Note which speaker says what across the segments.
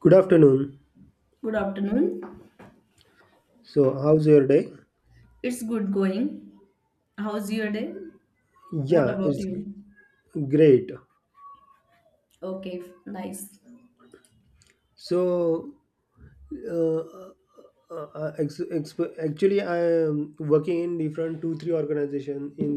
Speaker 1: Good afternoon.
Speaker 2: Good afternoon.
Speaker 1: So, how's your day?
Speaker 2: It's good going. How's your day? What
Speaker 1: Yeah,
Speaker 2: about
Speaker 1: it's
Speaker 2: you?
Speaker 1: great.
Speaker 2: Okay, nice.
Speaker 1: So, uh, uh, uh, uh, ex- ex- actually I am working in different two three organization in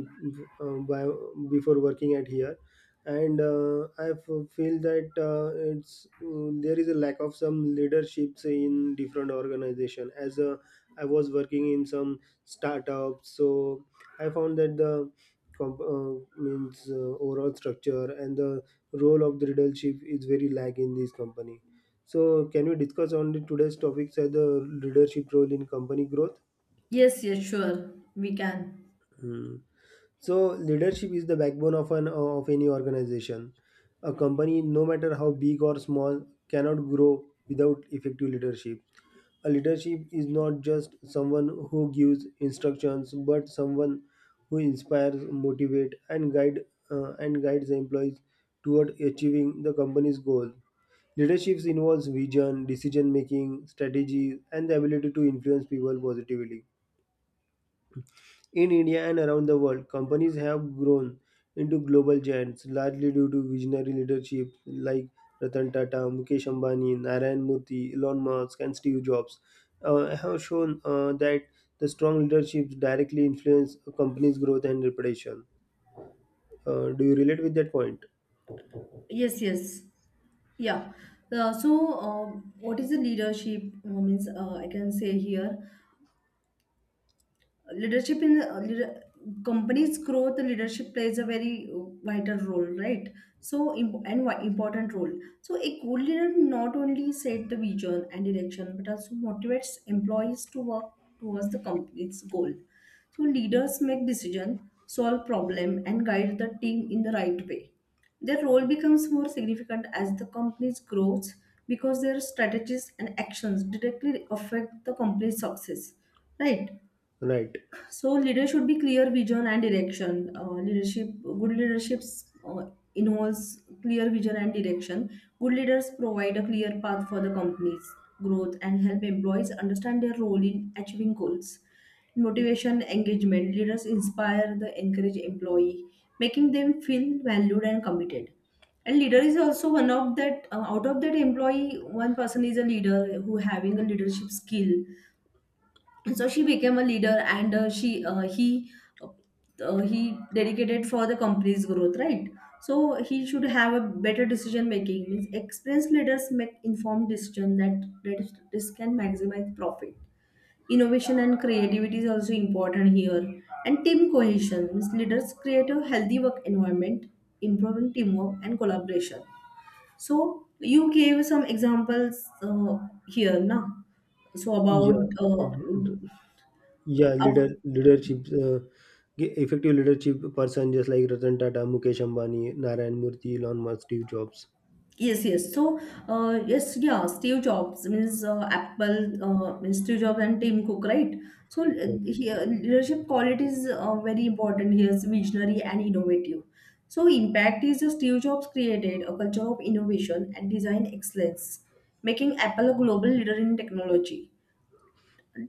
Speaker 1: uh, by, before working at here. And I feel that it's there is a lack of some leaderships in different organization, as I was working in some startups. So I found that the comp- means overall structure and the role of the leadership is very lack in this company. So, can we discuss on the today's topics as the leadership role in company growth?
Speaker 2: Yes, yes, sure. We can.
Speaker 1: Hmm. So, leadership is the backbone of an of any organization. A company, no matter how big or small, cannot grow without effective leadership. A leadership is not just someone who gives instructions, but someone who inspires, motivate, and guides the employees toward achieving the company's goal. Leadership involves vision, decision making, strategy, and the ability to influence people positively. In India and around the world, companies have grown into global giants largely due to visionary leadership like Ratan Tata, Mukesh Ambani, Narayan Murthy, Elon Musk, and Steve Jobs. Have shown that the strong leadership directly influence a company's growth and reputation. Do you relate with that point?
Speaker 2: Yes, yes. Yeah. Uh, so, uh, what is the leadership? I can say here leadership companies growth leadership plays a very vital role, right? So important role. So a good leader not only set the vision and direction but also motivates employees to work towards the company's goal. So leaders make decision, solve problem and guide the team in the right way. Their role becomes more significant as the company's grows, because their strategies and actions directly affect the company's success, right?
Speaker 1: Right.
Speaker 2: So leader should be clear vision and direction. Leadership, good leadership uh, involves clear vision and direction. Good leaders provide a clear path for the company's growth and help employees understand their role in achieving goals. Motivation, engagement. Leaders inspire the encourage employee, making them feel valued and committed. And leader is also one of that out of that employee, one person is a leader who having a leadership skill, so she became a leader and she uh, he dedicated for the company's growth, right? So he should have a better decision making, means experienced leaders make informed decision that this can maximize profit. Innovation and creativity is also important here. And team cohesion means leaders create a healthy work environment, improving teamwork and collaboration. So you gave some examples here now. So
Speaker 1: Yeah.
Speaker 2: about
Speaker 1: Yeah, leadership, effective leadership person just like Ratan Tata, Mukesh Ambani, Narayan Murthy, Elon Musk, Steve Jobs.
Speaker 2: yes, yes. Steve Jobs means Apple, means Steve Jobs and Tim Cook, right?
Speaker 1: Right.
Speaker 2: Here, leadership qualities are very important. He is visionary and innovative. So, impact is the Steve Jobs created a culture of innovation and design excellence, making Apple a global leader in technology.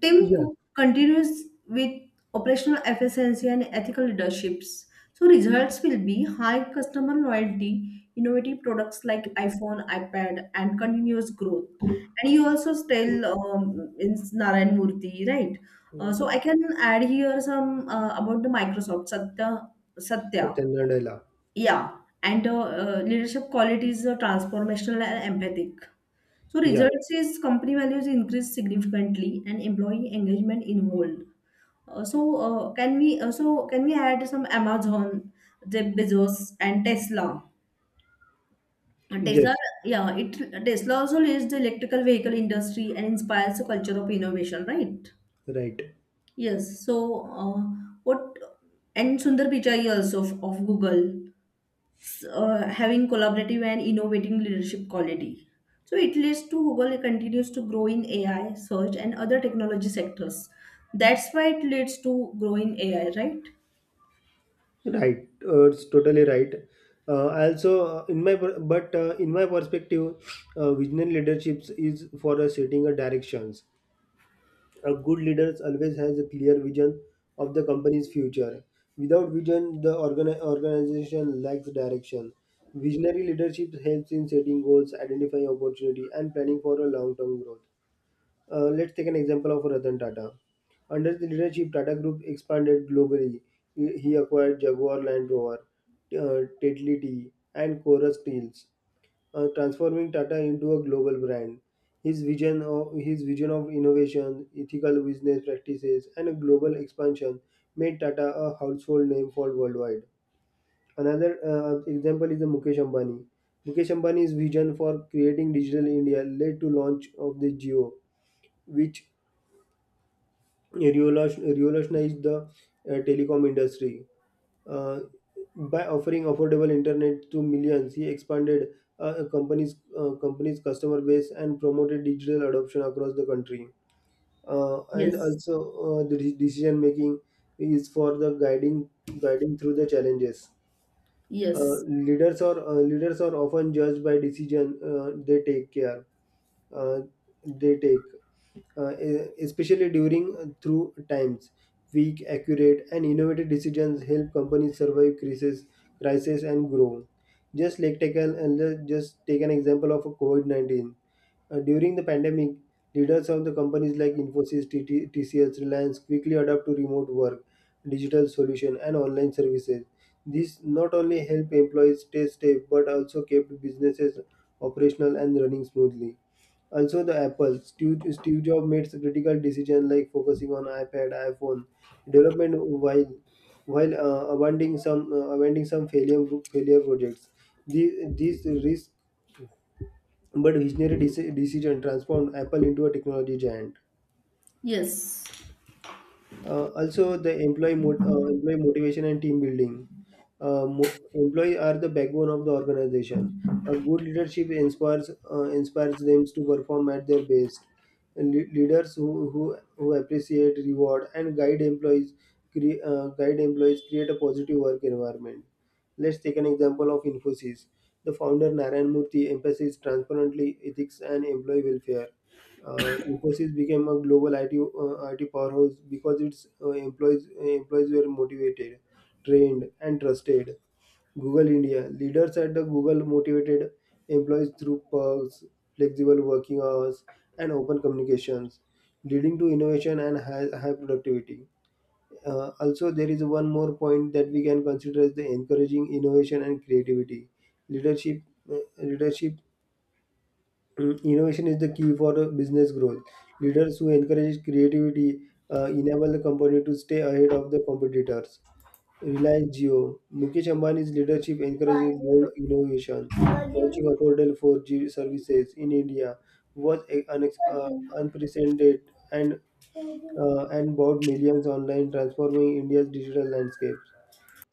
Speaker 2: Tim
Speaker 1: Yeah.
Speaker 2: Cook continues with operational efficiency and ethical leaderships. So results will be high customer loyalty, innovative products like iPhone, iPad, and continuous growth. And you also tell in Narayan Murthy, right? So
Speaker 1: Mm,
Speaker 2: I can add here some about the Microsoft Satya. Satya,
Speaker 1: Satya Nadella.
Speaker 2: yeah. And leadership qualities are transformational and empathic. So
Speaker 1: Yeah.
Speaker 2: results is company values increase significantly and employee engagement involved. So can we add some Amazon, Jeff Bezos and Tesla? And Tesla,
Speaker 1: Yes.
Speaker 2: yeah, it Tesla also leads the electrical vehicle industry and inspires a culture of innovation, right?
Speaker 1: Right.
Speaker 2: Yes. So what and Sundar Pichai also of Google, having collaborative and innovating leadership quality. So it leads to Google continues to grow in AI, search, and other technology sectors. That's why it leads to grow in AI, right?
Speaker 1: Right. It's totally right. Also, in my perspective, visionary leadership is for setting a directions. A good leader always has a clear vision of the company's future. Without vision, the organization lacks direction. Visionary leadership helps in setting goals, identifying opportunity, and planning for a long-term growth. Let's take an example of Ratan Tata. Under the leadership, Tata Group expanded globally. He acquired Jaguar Land Rover, Tetley Tea, and Chorus Steels, transforming Tata into a global brand. His vision of innovation, ethical business practices, and a global expansion made Tata a household name for worldwide. Another example is the Mukesh Ambani. Mukesh Ambani's vision for creating digital India led to launch of the Geo, which revolutionized the telecom industry. Uh, by offering affordable internet to millions, he expanded a company's company's customer base and promoted digital adoption across the country. And
Speaker 2: Yes,
Speaker 1: also, the decision making is for the guiding through the challenges.
Speaker 2: yes,
Speaker 1: Leaders are often judged by decision they take care uh, they take e- especially during through times. Weak, accurate, and innovative decisions help companies survive crisis and grow. Just take an example of COVID COVID-19. During the pandemic, leaders of the companies like Infosys, TT, TCS, Reliance quickly adapt to remote work, digital solution, and online services. This not only help employees stay safe but also kept businesses operational and running smoothly. Also, the Apple Steve Jobs made critical decisions like focusing on iPad, iPhone development while abandoning some failure projects. These risk but visionary decision transformed Apple into a technology giant. Also, the employee motivation and team building. Employee are the backbone of the organization. A good leadership inspires them to perform at their best. Leaders who appreciate, reward, and guide employees create a positive work environment. Let's take an example of Infosys. The founder Narayan Murthy emphasizes transparently ethics and employee welfare. Infosys became a global IT, IT powerhouse because its employees were motivated, trained, and trusted. Google India leaders at the Google motivated employees through perks, flexible working hours, and open communications, leading to innovation and high productivity. Also, there is one more point that we can consider as the encouraging innovation and creativity. Leadership uh, leadership Innovation is the key for business growth. Leaders who encourage creativity enable the company to stay ahead of the competitors. Reliance Jio. Mukesh Ambani's leadership encourages bold innovation, launching affordable 4G services in India was unprecedented
Speaker 2: yes.
Speaker 1: and brought millions online, transforming India's digital landscape.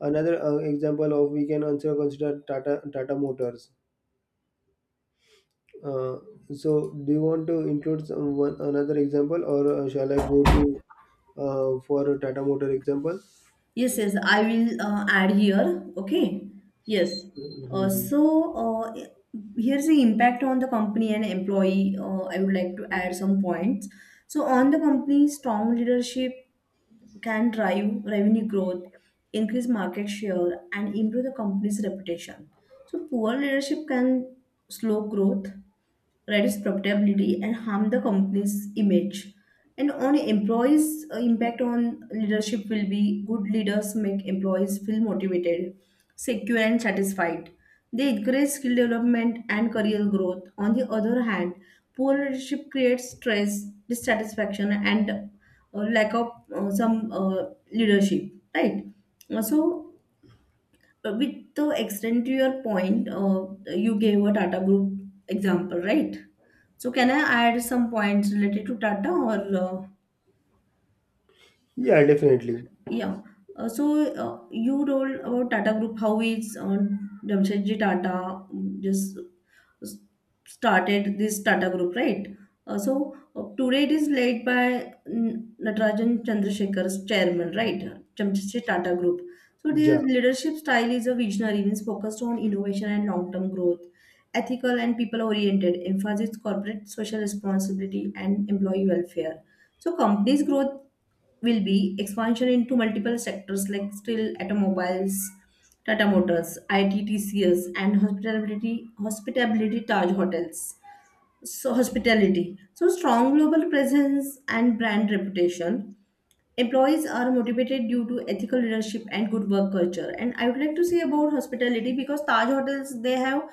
Speaker 1: Another example of we can also consider Tata Motors. Uh, so, do you want to include some one another example or shall I go to for a Tata Motor example?
Speaker 2: Yes, yes, I will add here. Okay. Yes. Uh,
Speaker 1: Mhm.
Speaker 2: so uh, i- Here's the impact on the company and employee. I would like to add some points. So on the company, strong leadership can drive revenue growth, increase market share, and improve the company's reputation. So poor leadership can slow growth, reduce profitability, and harm the company's image. And on employees' impact on leadership will be good leaders make employees feel motivated, secure, and satisfied. They encourage skill development and career growth. On the other hand, poor leadership creates stress, dissatisfaction, and lack of some leadership, right? So with the extent to your point, you gave a Tata Group example, right? So can I add some points related to Tata or
Speaker 1: Yeah, definitely.
Speaker 2: yeah? You told about Tata Group, how is Jamshedji Tata just started this Tata Group, right? Today it is led by Natarajan Chandrasekhar's chairman, right? Chandrasekhar Tata Group. So
Speaker 1: Yeah.
Speaker 2: their leadership style is a visionary, means focused on innovation and long-term growth, ethical and people-oriented, emphasizes corporate social responsibility and employee welfare. So companies' growth will be expansion into multiple sectors like steel, automobiles, Tata Motors, ITTCS, and hospitality Taj Hotels. So hospitality. So strong global presence and brand reputation. Employees are motivated due to ethical leadership and good work culture. And I would like to say about hospitality because Taj hotels they have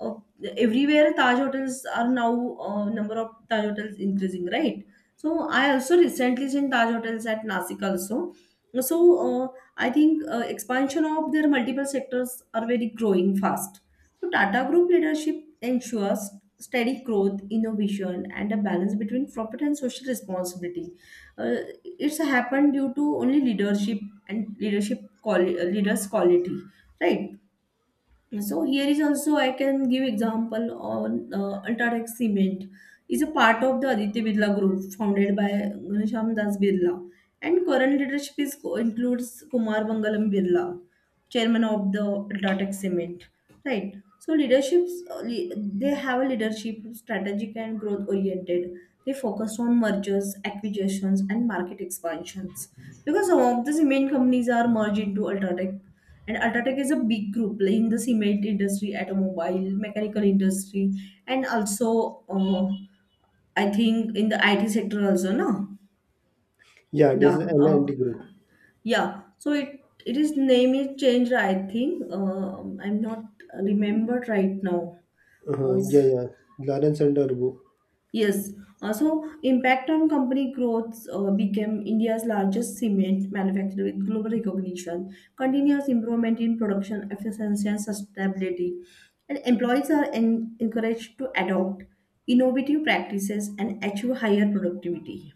Speaker 2: uh, everywhere. Taj hotels are now number of Taj hotels increasing, right? So I also recently seen Taj hotels at Nasik also. So uh, I think expansion of their multiple sectors are very growing fast. So Tata Group leadership ensures steady growth, innovation, and a balance between profit and social responsibility. uh, it's happened due to only leadership and leadership leaders quality, right? So here is also I can give example on Ultratech Cement is a part of the Aditya Birla Group founded by Ghanshyam Das Birla, and current leadership is, includes Kumar Mangalam Birla, chairman of the Ultratech Cement. Right. So leaderships they have a leadership strategic and growth oriented. They focus on mergers, acquisitions, and market expansions, because some of the cement companies are merged into Ultratech, and Ultratech is a big group like in the cement industry, automobile, mechanical industry, and also I think in the IT sector also, no?
Speaker 1: Yeah, this
Speaker 2: Yeah,
Speaker 1: is
Speaker 2: uh,
Speaker 1: L&T Group.
Speaker 2: yeah. So it is name is changed, I think. I'm not remembered right now. Uh,
Speaker 1: Yeah, yeah. Lawrence and Turbo.
Speaker 2: Yes, also impact on company growth became India's largest cement manufacturer with global recognition. Continuous improvement in production efficiency and sustainability, and employees are encouraged to adopt innovative practices and achieve higher productivity.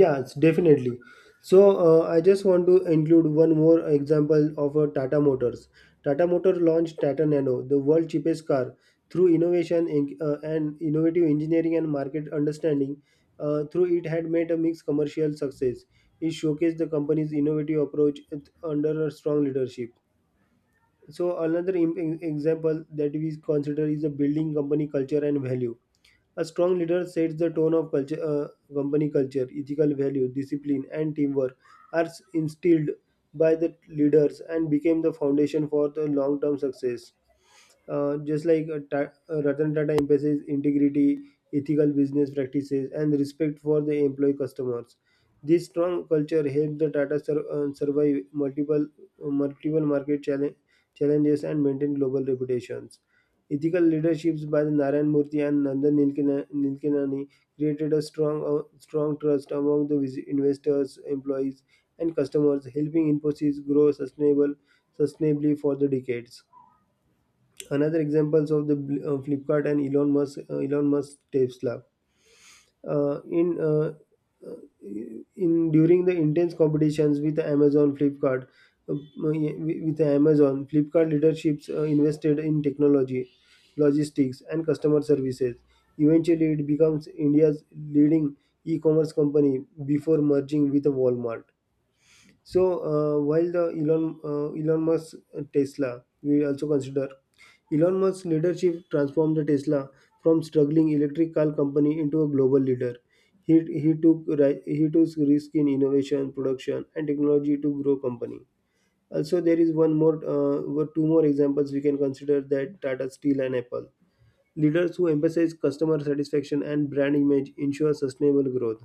Speaker 1: Yes, definitely. So, I just want to include one more example of a Tata Motors. Tata Motor launched Tata Nano, the world cheapest car, through innovation in, and innovative engineering and market understanding. Through it had made a mixed commercial success. It showcased the company's innovative approach under a strong leadership. So, another example that we consider is the building company culture and value. A strong leader sets the tone of culture, company culture, ethical value, discipline, and teamwork are instilled by the leaders and became the foundation for the long-term success. Ratan Tata emphasizes integrity, ethical business practices, and respect for the employee customers. This strong culture helped the Tata survive multiple market challenges and maintain global reputations. Ethical leaderships by the Narayan Murthy and Nandan Nilekani created a strong trust among the investors, employees, and customers, helping Infosys grow sustainably for the decades. Another examples of the Flipkart and Elon Musk Tesla, uh, in uh, uh, in during the intense competitions with Amazon Flipkart, with Amazon Flipkart leaderships invested in technology, logistics, and customer services. Eventually it becomes India's leading e-commerce company before merging with Walmart. So while the Elon Musk Tesla, we also consider Elon Musk's leadership transformed the Tesla from struggling electric car company into a global leader. He took risk in innovation, production, and technology to grow company. Also, there is one more were two more examples we can consider that Tata Steel and Apple. Leaders who emphasize customer satisfaction and brand image ensure sustainable growth.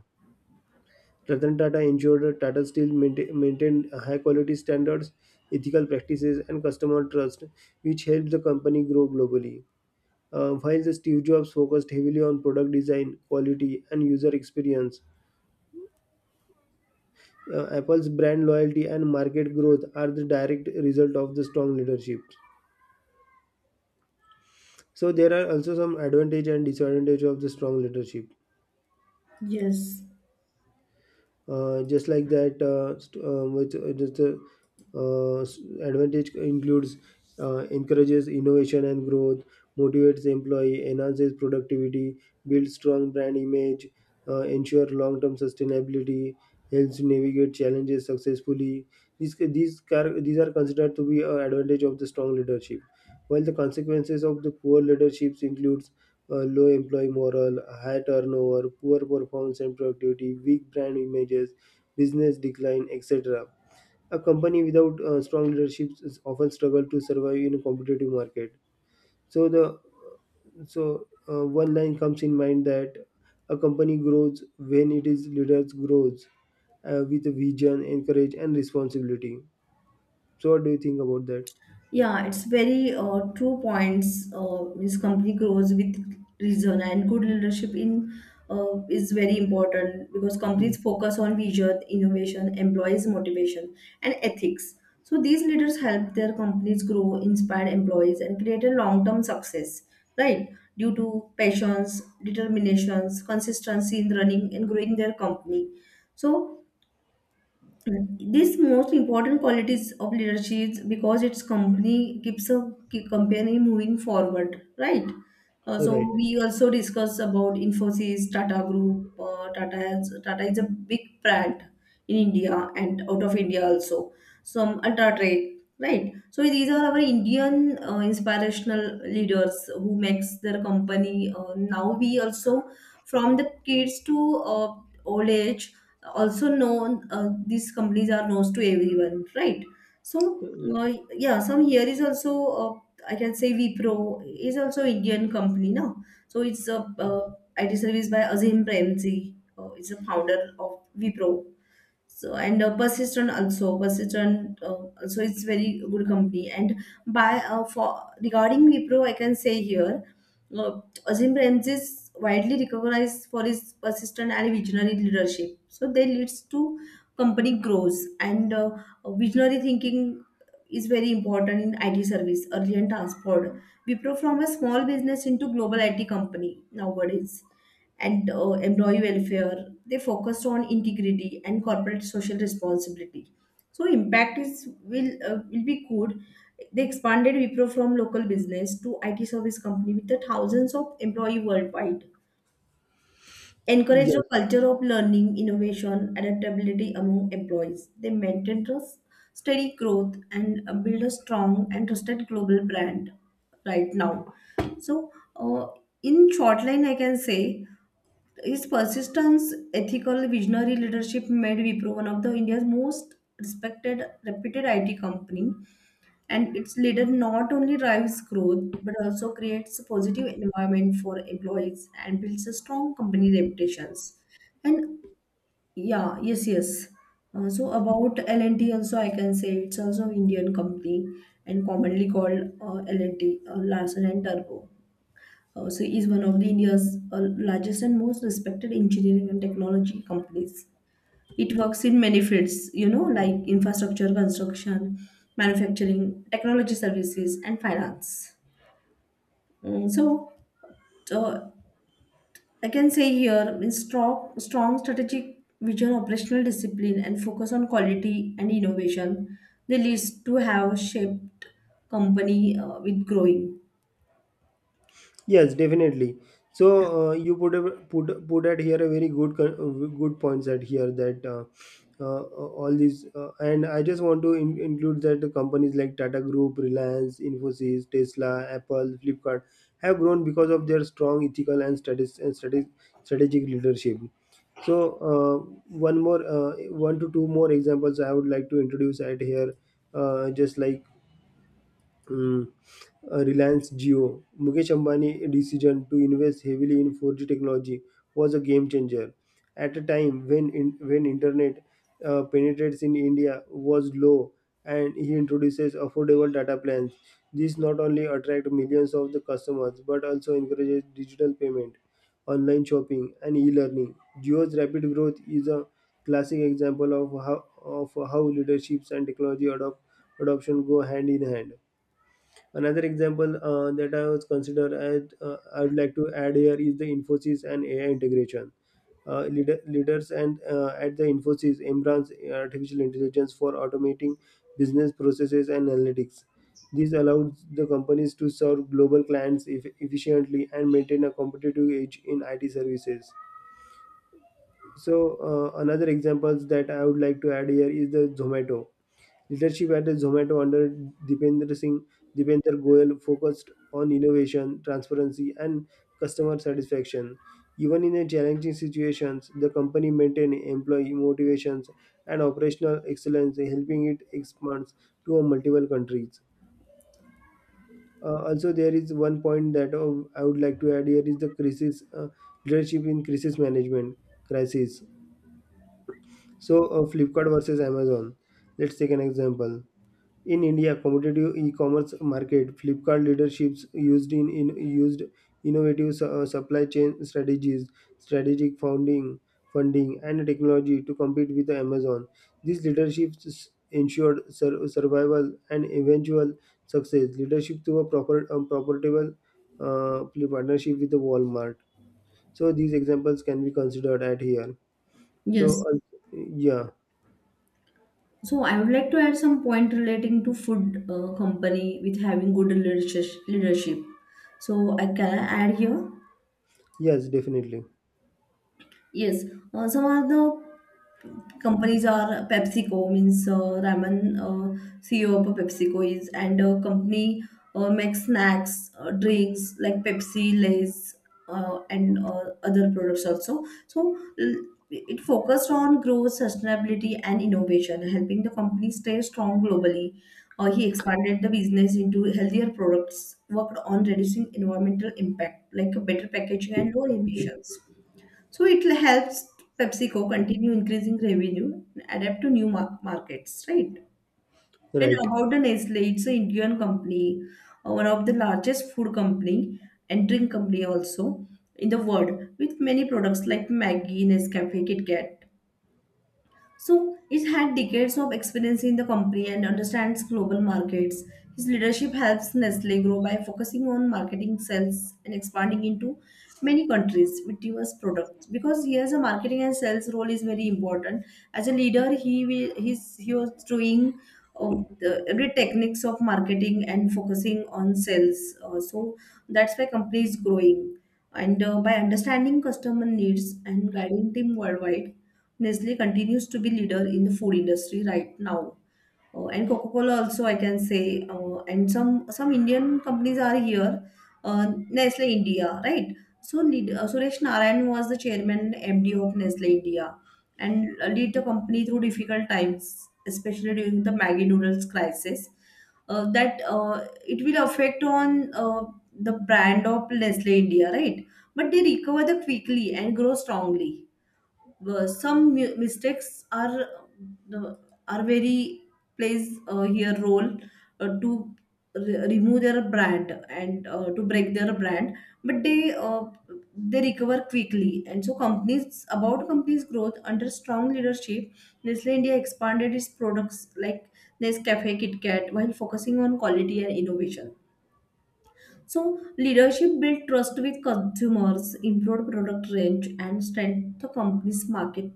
Speaker 1: Ratan Tata ensured that Tata Steel maintained high quality standards, ethical practices, and customer trust, which helped the company grow globally. While the Steve Jobs focused heavily on product design, quality, and user experience, Apple's brand loyalty and market growth are the direct result of the strong leadership. So there are also some advantage and disadvantage of the strong leadership.
Speaker 2: Yes.
Speaker 1: Just like that, st- with just the s- advantage includes encourages innovation and growth, motivates employee, enhances productivity, builds strong brand image, ensure long-term sustainability, helps navigate challenges successfully. These are considered to be an advantage of the strong leadership. While the consequences of the poor leaderships include low employee morale, high turnover, poor performance and productivity, weak brand images, business decline, etc. A company without strong leadership is often struggle to survive in a competitive market. So the so One line comes in mind that a company grows when it is leaders grows with a vision, and courage, and responsibility. So what do you think about that?
Speaker 2: Yeah, it's very true points. Means company grows with reason and good leadership in is very important because
Speaker 1: Hmm.
Speaker 2: companies focus on vision, innovation, employees' motivation, and ethics. So these leaders help their companies grow, inspire employees, and create a long-term success. Right, due to passions, determinations, consistency in running and growing their company. So this most important qualities of leadership is because its company keeps a keep company moving forward, right? So
Speaker 1: Right.
Speaker 2: we also discuss about Infosys, Tata Group. Tata is a big brand in India and out of India also. Some Ultratrade, right? So these are our Indian inspirational leaders who makes their company. Now we also from the kids to old age also known these companies are known to everyone, right? So uh, yeah some here is also uh, I can say Vipro is also Indian company now. So it's a IT service by Azim Premji, it's a founder of Vipro. So and persistent also, it's very good company. And by for regarding Wipro I can say here, uh, Azim Premji is widely recognized for his persistent and visionary leadership. So they leads to company growth and visionary thinking is very important in IT service early and transport. Wipro from a small business into global IT company nowadays. And employee welfare. They focused on integrity and corporate social responsibility. So impact is will be good. They expanded Wipro from local business to IT service company with the thousands of employee worldwide. Encouraged a
Speaker 1: Yes.
Speaker 2: culture of learning, innovation, adaptability among employees. They maintained trust, steady growth, and build a strong and trusted global brand right now. So, in short line, I can say his persistence, ethical, visionary leadership made Wipro one of the India's most respected, reputed IT company. And its leader not only drives growth but also creates a positive environment for employees and builds a strong company reputations. And yeah, yes, yes. So about L&T also I can say it's also Indian company, and commonly called L&T, Larsen and Turbo. Is one of the India's largest and most respected engineering and technology companies. It works in many fields, you know, like infrastructure, construction, manufacturing, technology services, and finance. Mm, so, uh, I can say here means strong strategic vision, operational discipline, and focus on quality and innovation. They leads to have shaped company with growing.
Speaker 1: Yes, definitely. So you put at here a very good good points at here that all these and I just want to include that the companies like Tata Group, Reliance, Infosys, Tesla, Apple, Flipkart have grown because of their strong ethical and strategic leadership. So one to two more examples I would like to introduce at here, just like. um, Reliance Jio. Mukesh Ambani's decision to invest heavily in 4G technology was a game changer. At a time when internet penetrates in India was low, and he introduces affordable data plans. This not only attract millions of the customers but also encourages digital payment, online shopping, and e-learning. Jio's rapid growth is a classic example of how leaderships and technology adoption go hand in hand. Another example that I was considered, and I would like to add here is the Infosys and AI integration. Leaders and at the Infosys embrace artificial intelligence for automating business processes and analytics. This allows the companies to serve global clients efficiently and maintain a competitive edge in IT services. So another examples that I would like to add here is the Zomato. Leadership at Zomato under Dipender Singh, Dipender Goyal focused on innovation, transparency, and customer satisfaction. Even in a challenging situations, the company maintained employee motivations and operational excellence, helping it expand to multiple countries. Also, there is one point that I would like to add here is the crisis leadership in crisis management crisis. So, Flipkart versus Amazon. Let's take an example. In India, competitive e-commerce market, Flipkart leaderships used in used innovative supply chain strategies, strategic funding, and technology to compete with Amazon. These leaderships ensured survival and eventual success. Leadership through a profitable uh, partnership with the Walmart. So these examples can be considered at here. So
Speaker 2: Yes.
Speaker 1: yeah,
Speaker 2: So I would like to add some point relating to food company with having good leadership. So I can I add here.
Speaker 1: yes, definitely,
Speaker 2: Yes, some of the companies are PepsiCo, means Raman CEO of PepsiCo is. And company makes snacks, drinks like Pepsi, Lays, and other products also. So it focused on growth, sustainability, and innovation, helping the company stay strong globally. He expanded the business into healthier products, worked on reducing environmental impact like better packaging and lower emissions. So it helps PepsiCo continue increasing revenue and adapt to new markets, right? And
Speaker 1: right.
Speaker 2: about the Nestle, it's an Indian company, one of the largest food company and drink company also in the world, with many products like Maggi, Nescafe, Kit Kat. So it had decades of experience in the company and understands global markets. His leadership helps Nestle grow by focusing on marketing sales and expanding into many countries with diverse products. Because here's a marketing and sales role is very important. As a leader, he will he's he was doing of the every techniques of marketing and focusing on sales. So that's why company is growing. And By understanding customer needs and guiding team worldwide, Nestle continues to be leader in the food industry right now. And Coca-Cola also, I can say, and some Indian companies are here, Nestle India, right? So lead, Suresh Narayan was the chairman MD of Nestle India, and lead the company through difficult times, especially during the Maggi noodles crisis. That It will affect on the brand of Nestle India, right? But they recover the quickly and grow strongly, mistakes are very plays here role uh, to remove their brand and to break their brand, but they recover quickly. And so companies, about companies growth under strong leadership, Nestle India expanded its products like Nescafe, Kitkat, while focusing on quality and innovation. So leadership build trust with consumers, improve product range, and strengthen the company's market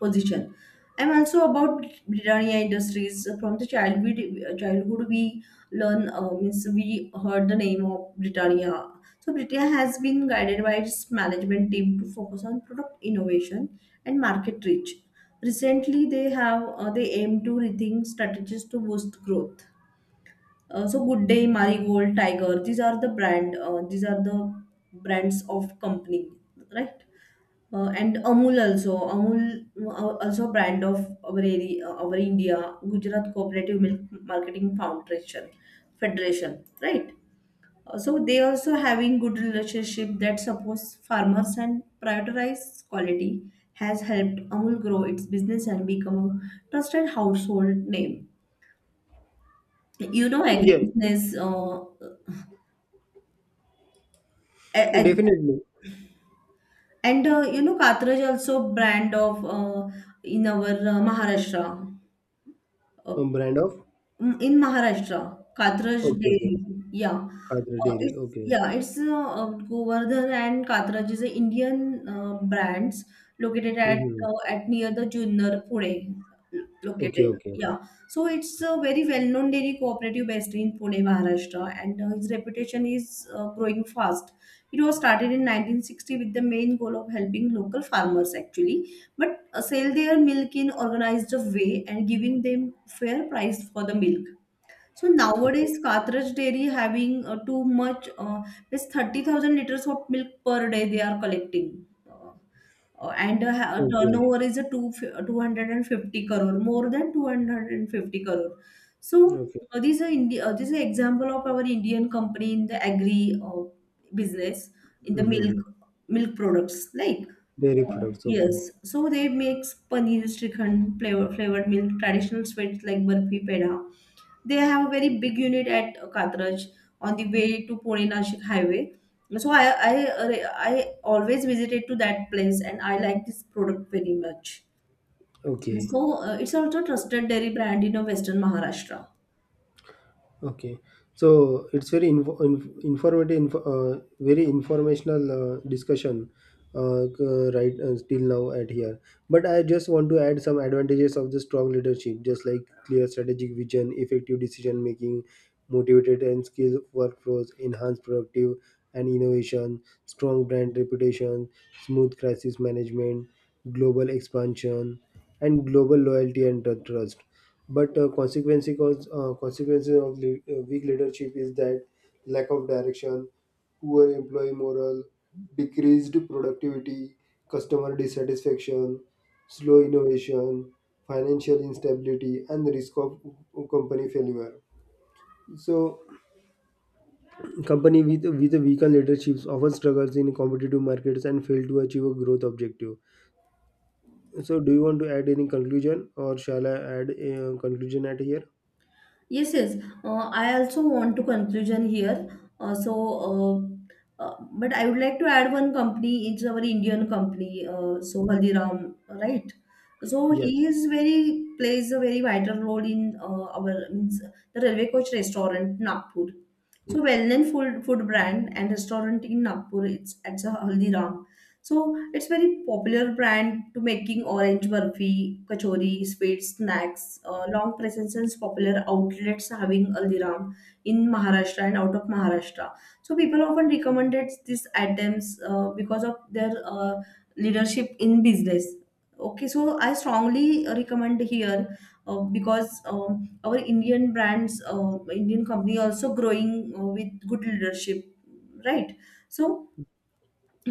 Speaker 2: position. I'm also about Britannia Industries. From the childhood, we learn, means we heard the name of Britannia. So Britannia has been guided by its management team to focus on product innovation and market reach. Recently, they aim to rethink strategies to boost growth. So Good Day, Marigold, Tiger, these are the brand, these are the brands of company, right? And Amul also, Amul also brand of our area, our India, Gujarat Cooperative Milk Marketing Foundation, Federation, right? So they also having good relationship that supports farmers and prioritize quality has helped Amul grow its business and become a trusted household name, you know,
Speaker 1: Yeah,
Speaker 2: agribusiness. A- And,
Speaker 1: definitely.
Speaker 2: Katraj also brand of, in our, Maharashtra. uh,
Speaker 1: A brand of.
Speaker 2: In Maharashtra, Katraj
Speaker 1: Okay, okay.
Speaker 2: dairy. Yeah.
Speaker 1: Kadra Dairy.
Speaker 2: It's
Speaker 1: Okay.
Speaker 2: yeah, it's Govardhan and Katraj is a Indian brands located at,
Speaker 1: Mm-hmm.
Speaker 2: at near the Junner Pune
Speaker 1: Okay,
Speaker 2: located.
Speaker 1: okay.
Speaker 2: Yeah. So it's a very well-known dairy cooperative based in Pune, Maharashtra, and its reputation is growing fast. It was started in 1960 with the main goal of helping local farmers actually, but sell their milk in organized way and giving them fair price for the milk. So
Speaker 1: Okay.
Speaker 2: nowadays, Kathraj Dairy having too much, it's 30,000 liters of milk per day they are collecting.
Speaker 1: Okay.
Speaker 2: Turnover is a two, 250 crore, more than 250 crore. So
Speaker 1: Okay.
Speaker 2: this is a this is an example of our Indian company in the agri business, in the
Speaker 1: Mm-hmm.
Speaker 2: milk products. Like,
Speaker 1: Dairy products.
Speaker 2: yes,
Speaker 1: Okay.
Speaker 2: so they makes paneer, shrikhand, flavor, flavored milk, traditional sweets like barfi, peda. They have a very big unit at Katraj on the way to Pune Nashik highway. So I I always visited to that place and I like this product very much.
Speaker 1: Okay,
Speaker 2: So it's also trusted dairy brand in Western Maharashtra.
Speaker 1: Okay, so it's very informative, very informational discussion right till now at here. But I just want to add some advantages of the strong leadership, just like clear strategic vision, effective decision making, motivated and skilled workflows, enhanced productive and innovation, strong brand reputation, smooth crisis management, global expansion, and global loyalty and trust. But consequences of weak leadership is that lack of direction, poor employee morale, decreased productivity, customer dissatisfaction, slow innovation, financial instability, and the risk of company failure. So company with a weaker leadership often struggles in competitive markets and fail to achieve a growth objective. So do you want to add any conclusion or shall I add a conclusion at here?
Speaker 2: Yes, yes. I also want to conclusion here. But I would like to add one company. It's our Indian company. So Haldiram, right? So he
Speaker 1: Yes.
Speaker 2: is very plays a very vital role in our means the Railway Coach Restaurant Nagpur. So well-known food brand and restaurant in Nagpur. It's at the Haldiram. So it's very popular brand to making orange burfi, kachori, sweet snacks. Long presence and popular outlets having Aldiram in Maharashtra and out of Maharashtra. So people often recommended these items because of their leadership in business. Okay, so I strongly recommend here because our Indian brands, Indian company also growing with good leadership, right? So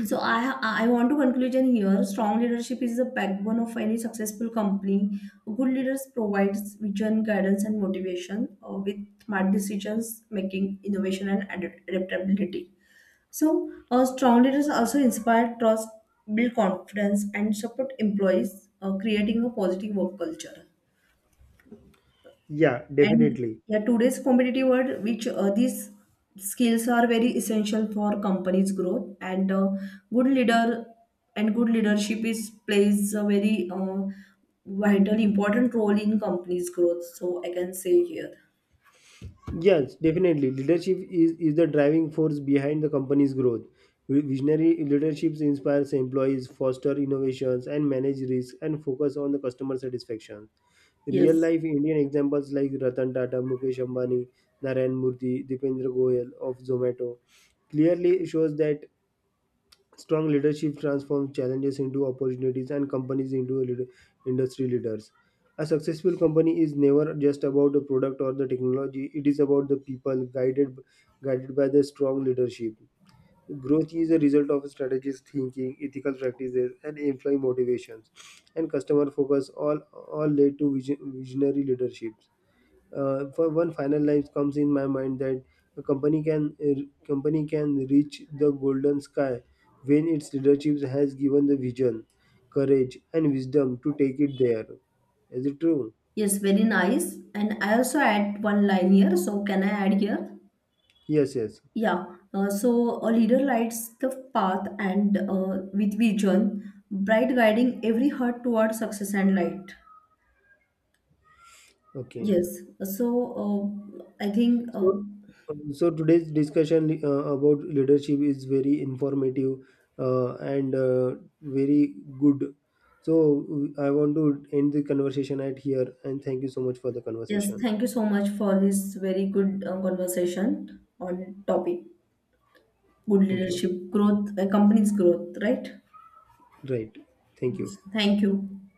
Speaker 2: so I want to conclude here. Strong leadership is the backbone of any successful company. Good leaders provides vision, guidance, and motivation with smart decisions making, innovation, and adaptability. So strong leaders also inspire trust, build confidence, and support employees, creating a positive work culture.
Speaker 1: Yeah,
Speaker 2: And
Speaker 1: definitely.
Speaker 2: yeah, today's competitive world, which these skills are very essential for companies' growth, and good leader and good leadership is plays a very vital, important role in companies' growth. So I can say here,
Speaker 1: Yes, definitely. Leadership is the driving force behind the company's growth. Visionary leaderships inspires employees, foster innovations, and manage risk and focus on the customer satisfaction. Real
Speaker 2: yes,
Speaker 1: life Indian examples like Ratan Tata, Mukesh Ambani, Narayan Murthy, Dipendra Goyal of Zomato clearly shows that strong leadership transforms challenges into opportunities and companies into industry leaders. A successful company is never just about the product or the technology, it is about the people guided by the strong leadership. Growth is a result of strategies, thinking, ethical practices, and employee motivations, and customer focus all led to visionary leadership. For one final life comes in my mind that a company can reach the golden sky when its leadership has given the vision, courage, and wisdom to take it there. Is it true?
Speaker 2: yes, very nice. And I also add one line here. So can I add here?
Speaker 1: Yes, yes.
Speaker 2: Yeah. So a leader lights the path and with vision, bright guiding every heart towards success and light.
Speaker 1: Okay.
Speaker 2: Yes. So, uh, I think, uh,
Speaker 1: So, today's discussion about leadership is very informative and very good. So, I want to end the conversation at here and thank you so much for the
Speaker 2: yes,
Speaker 1: conversation.
Speaker 2: thank you so much for this very good conversation on topic good
Speaker 1: Thank you.
Speaker 2: leadership growth, company's growth, right?
Speaker 1: Right. Thank
Speaker 2: Yes.
Speaker 1: you.
Speaker 2: Thank you.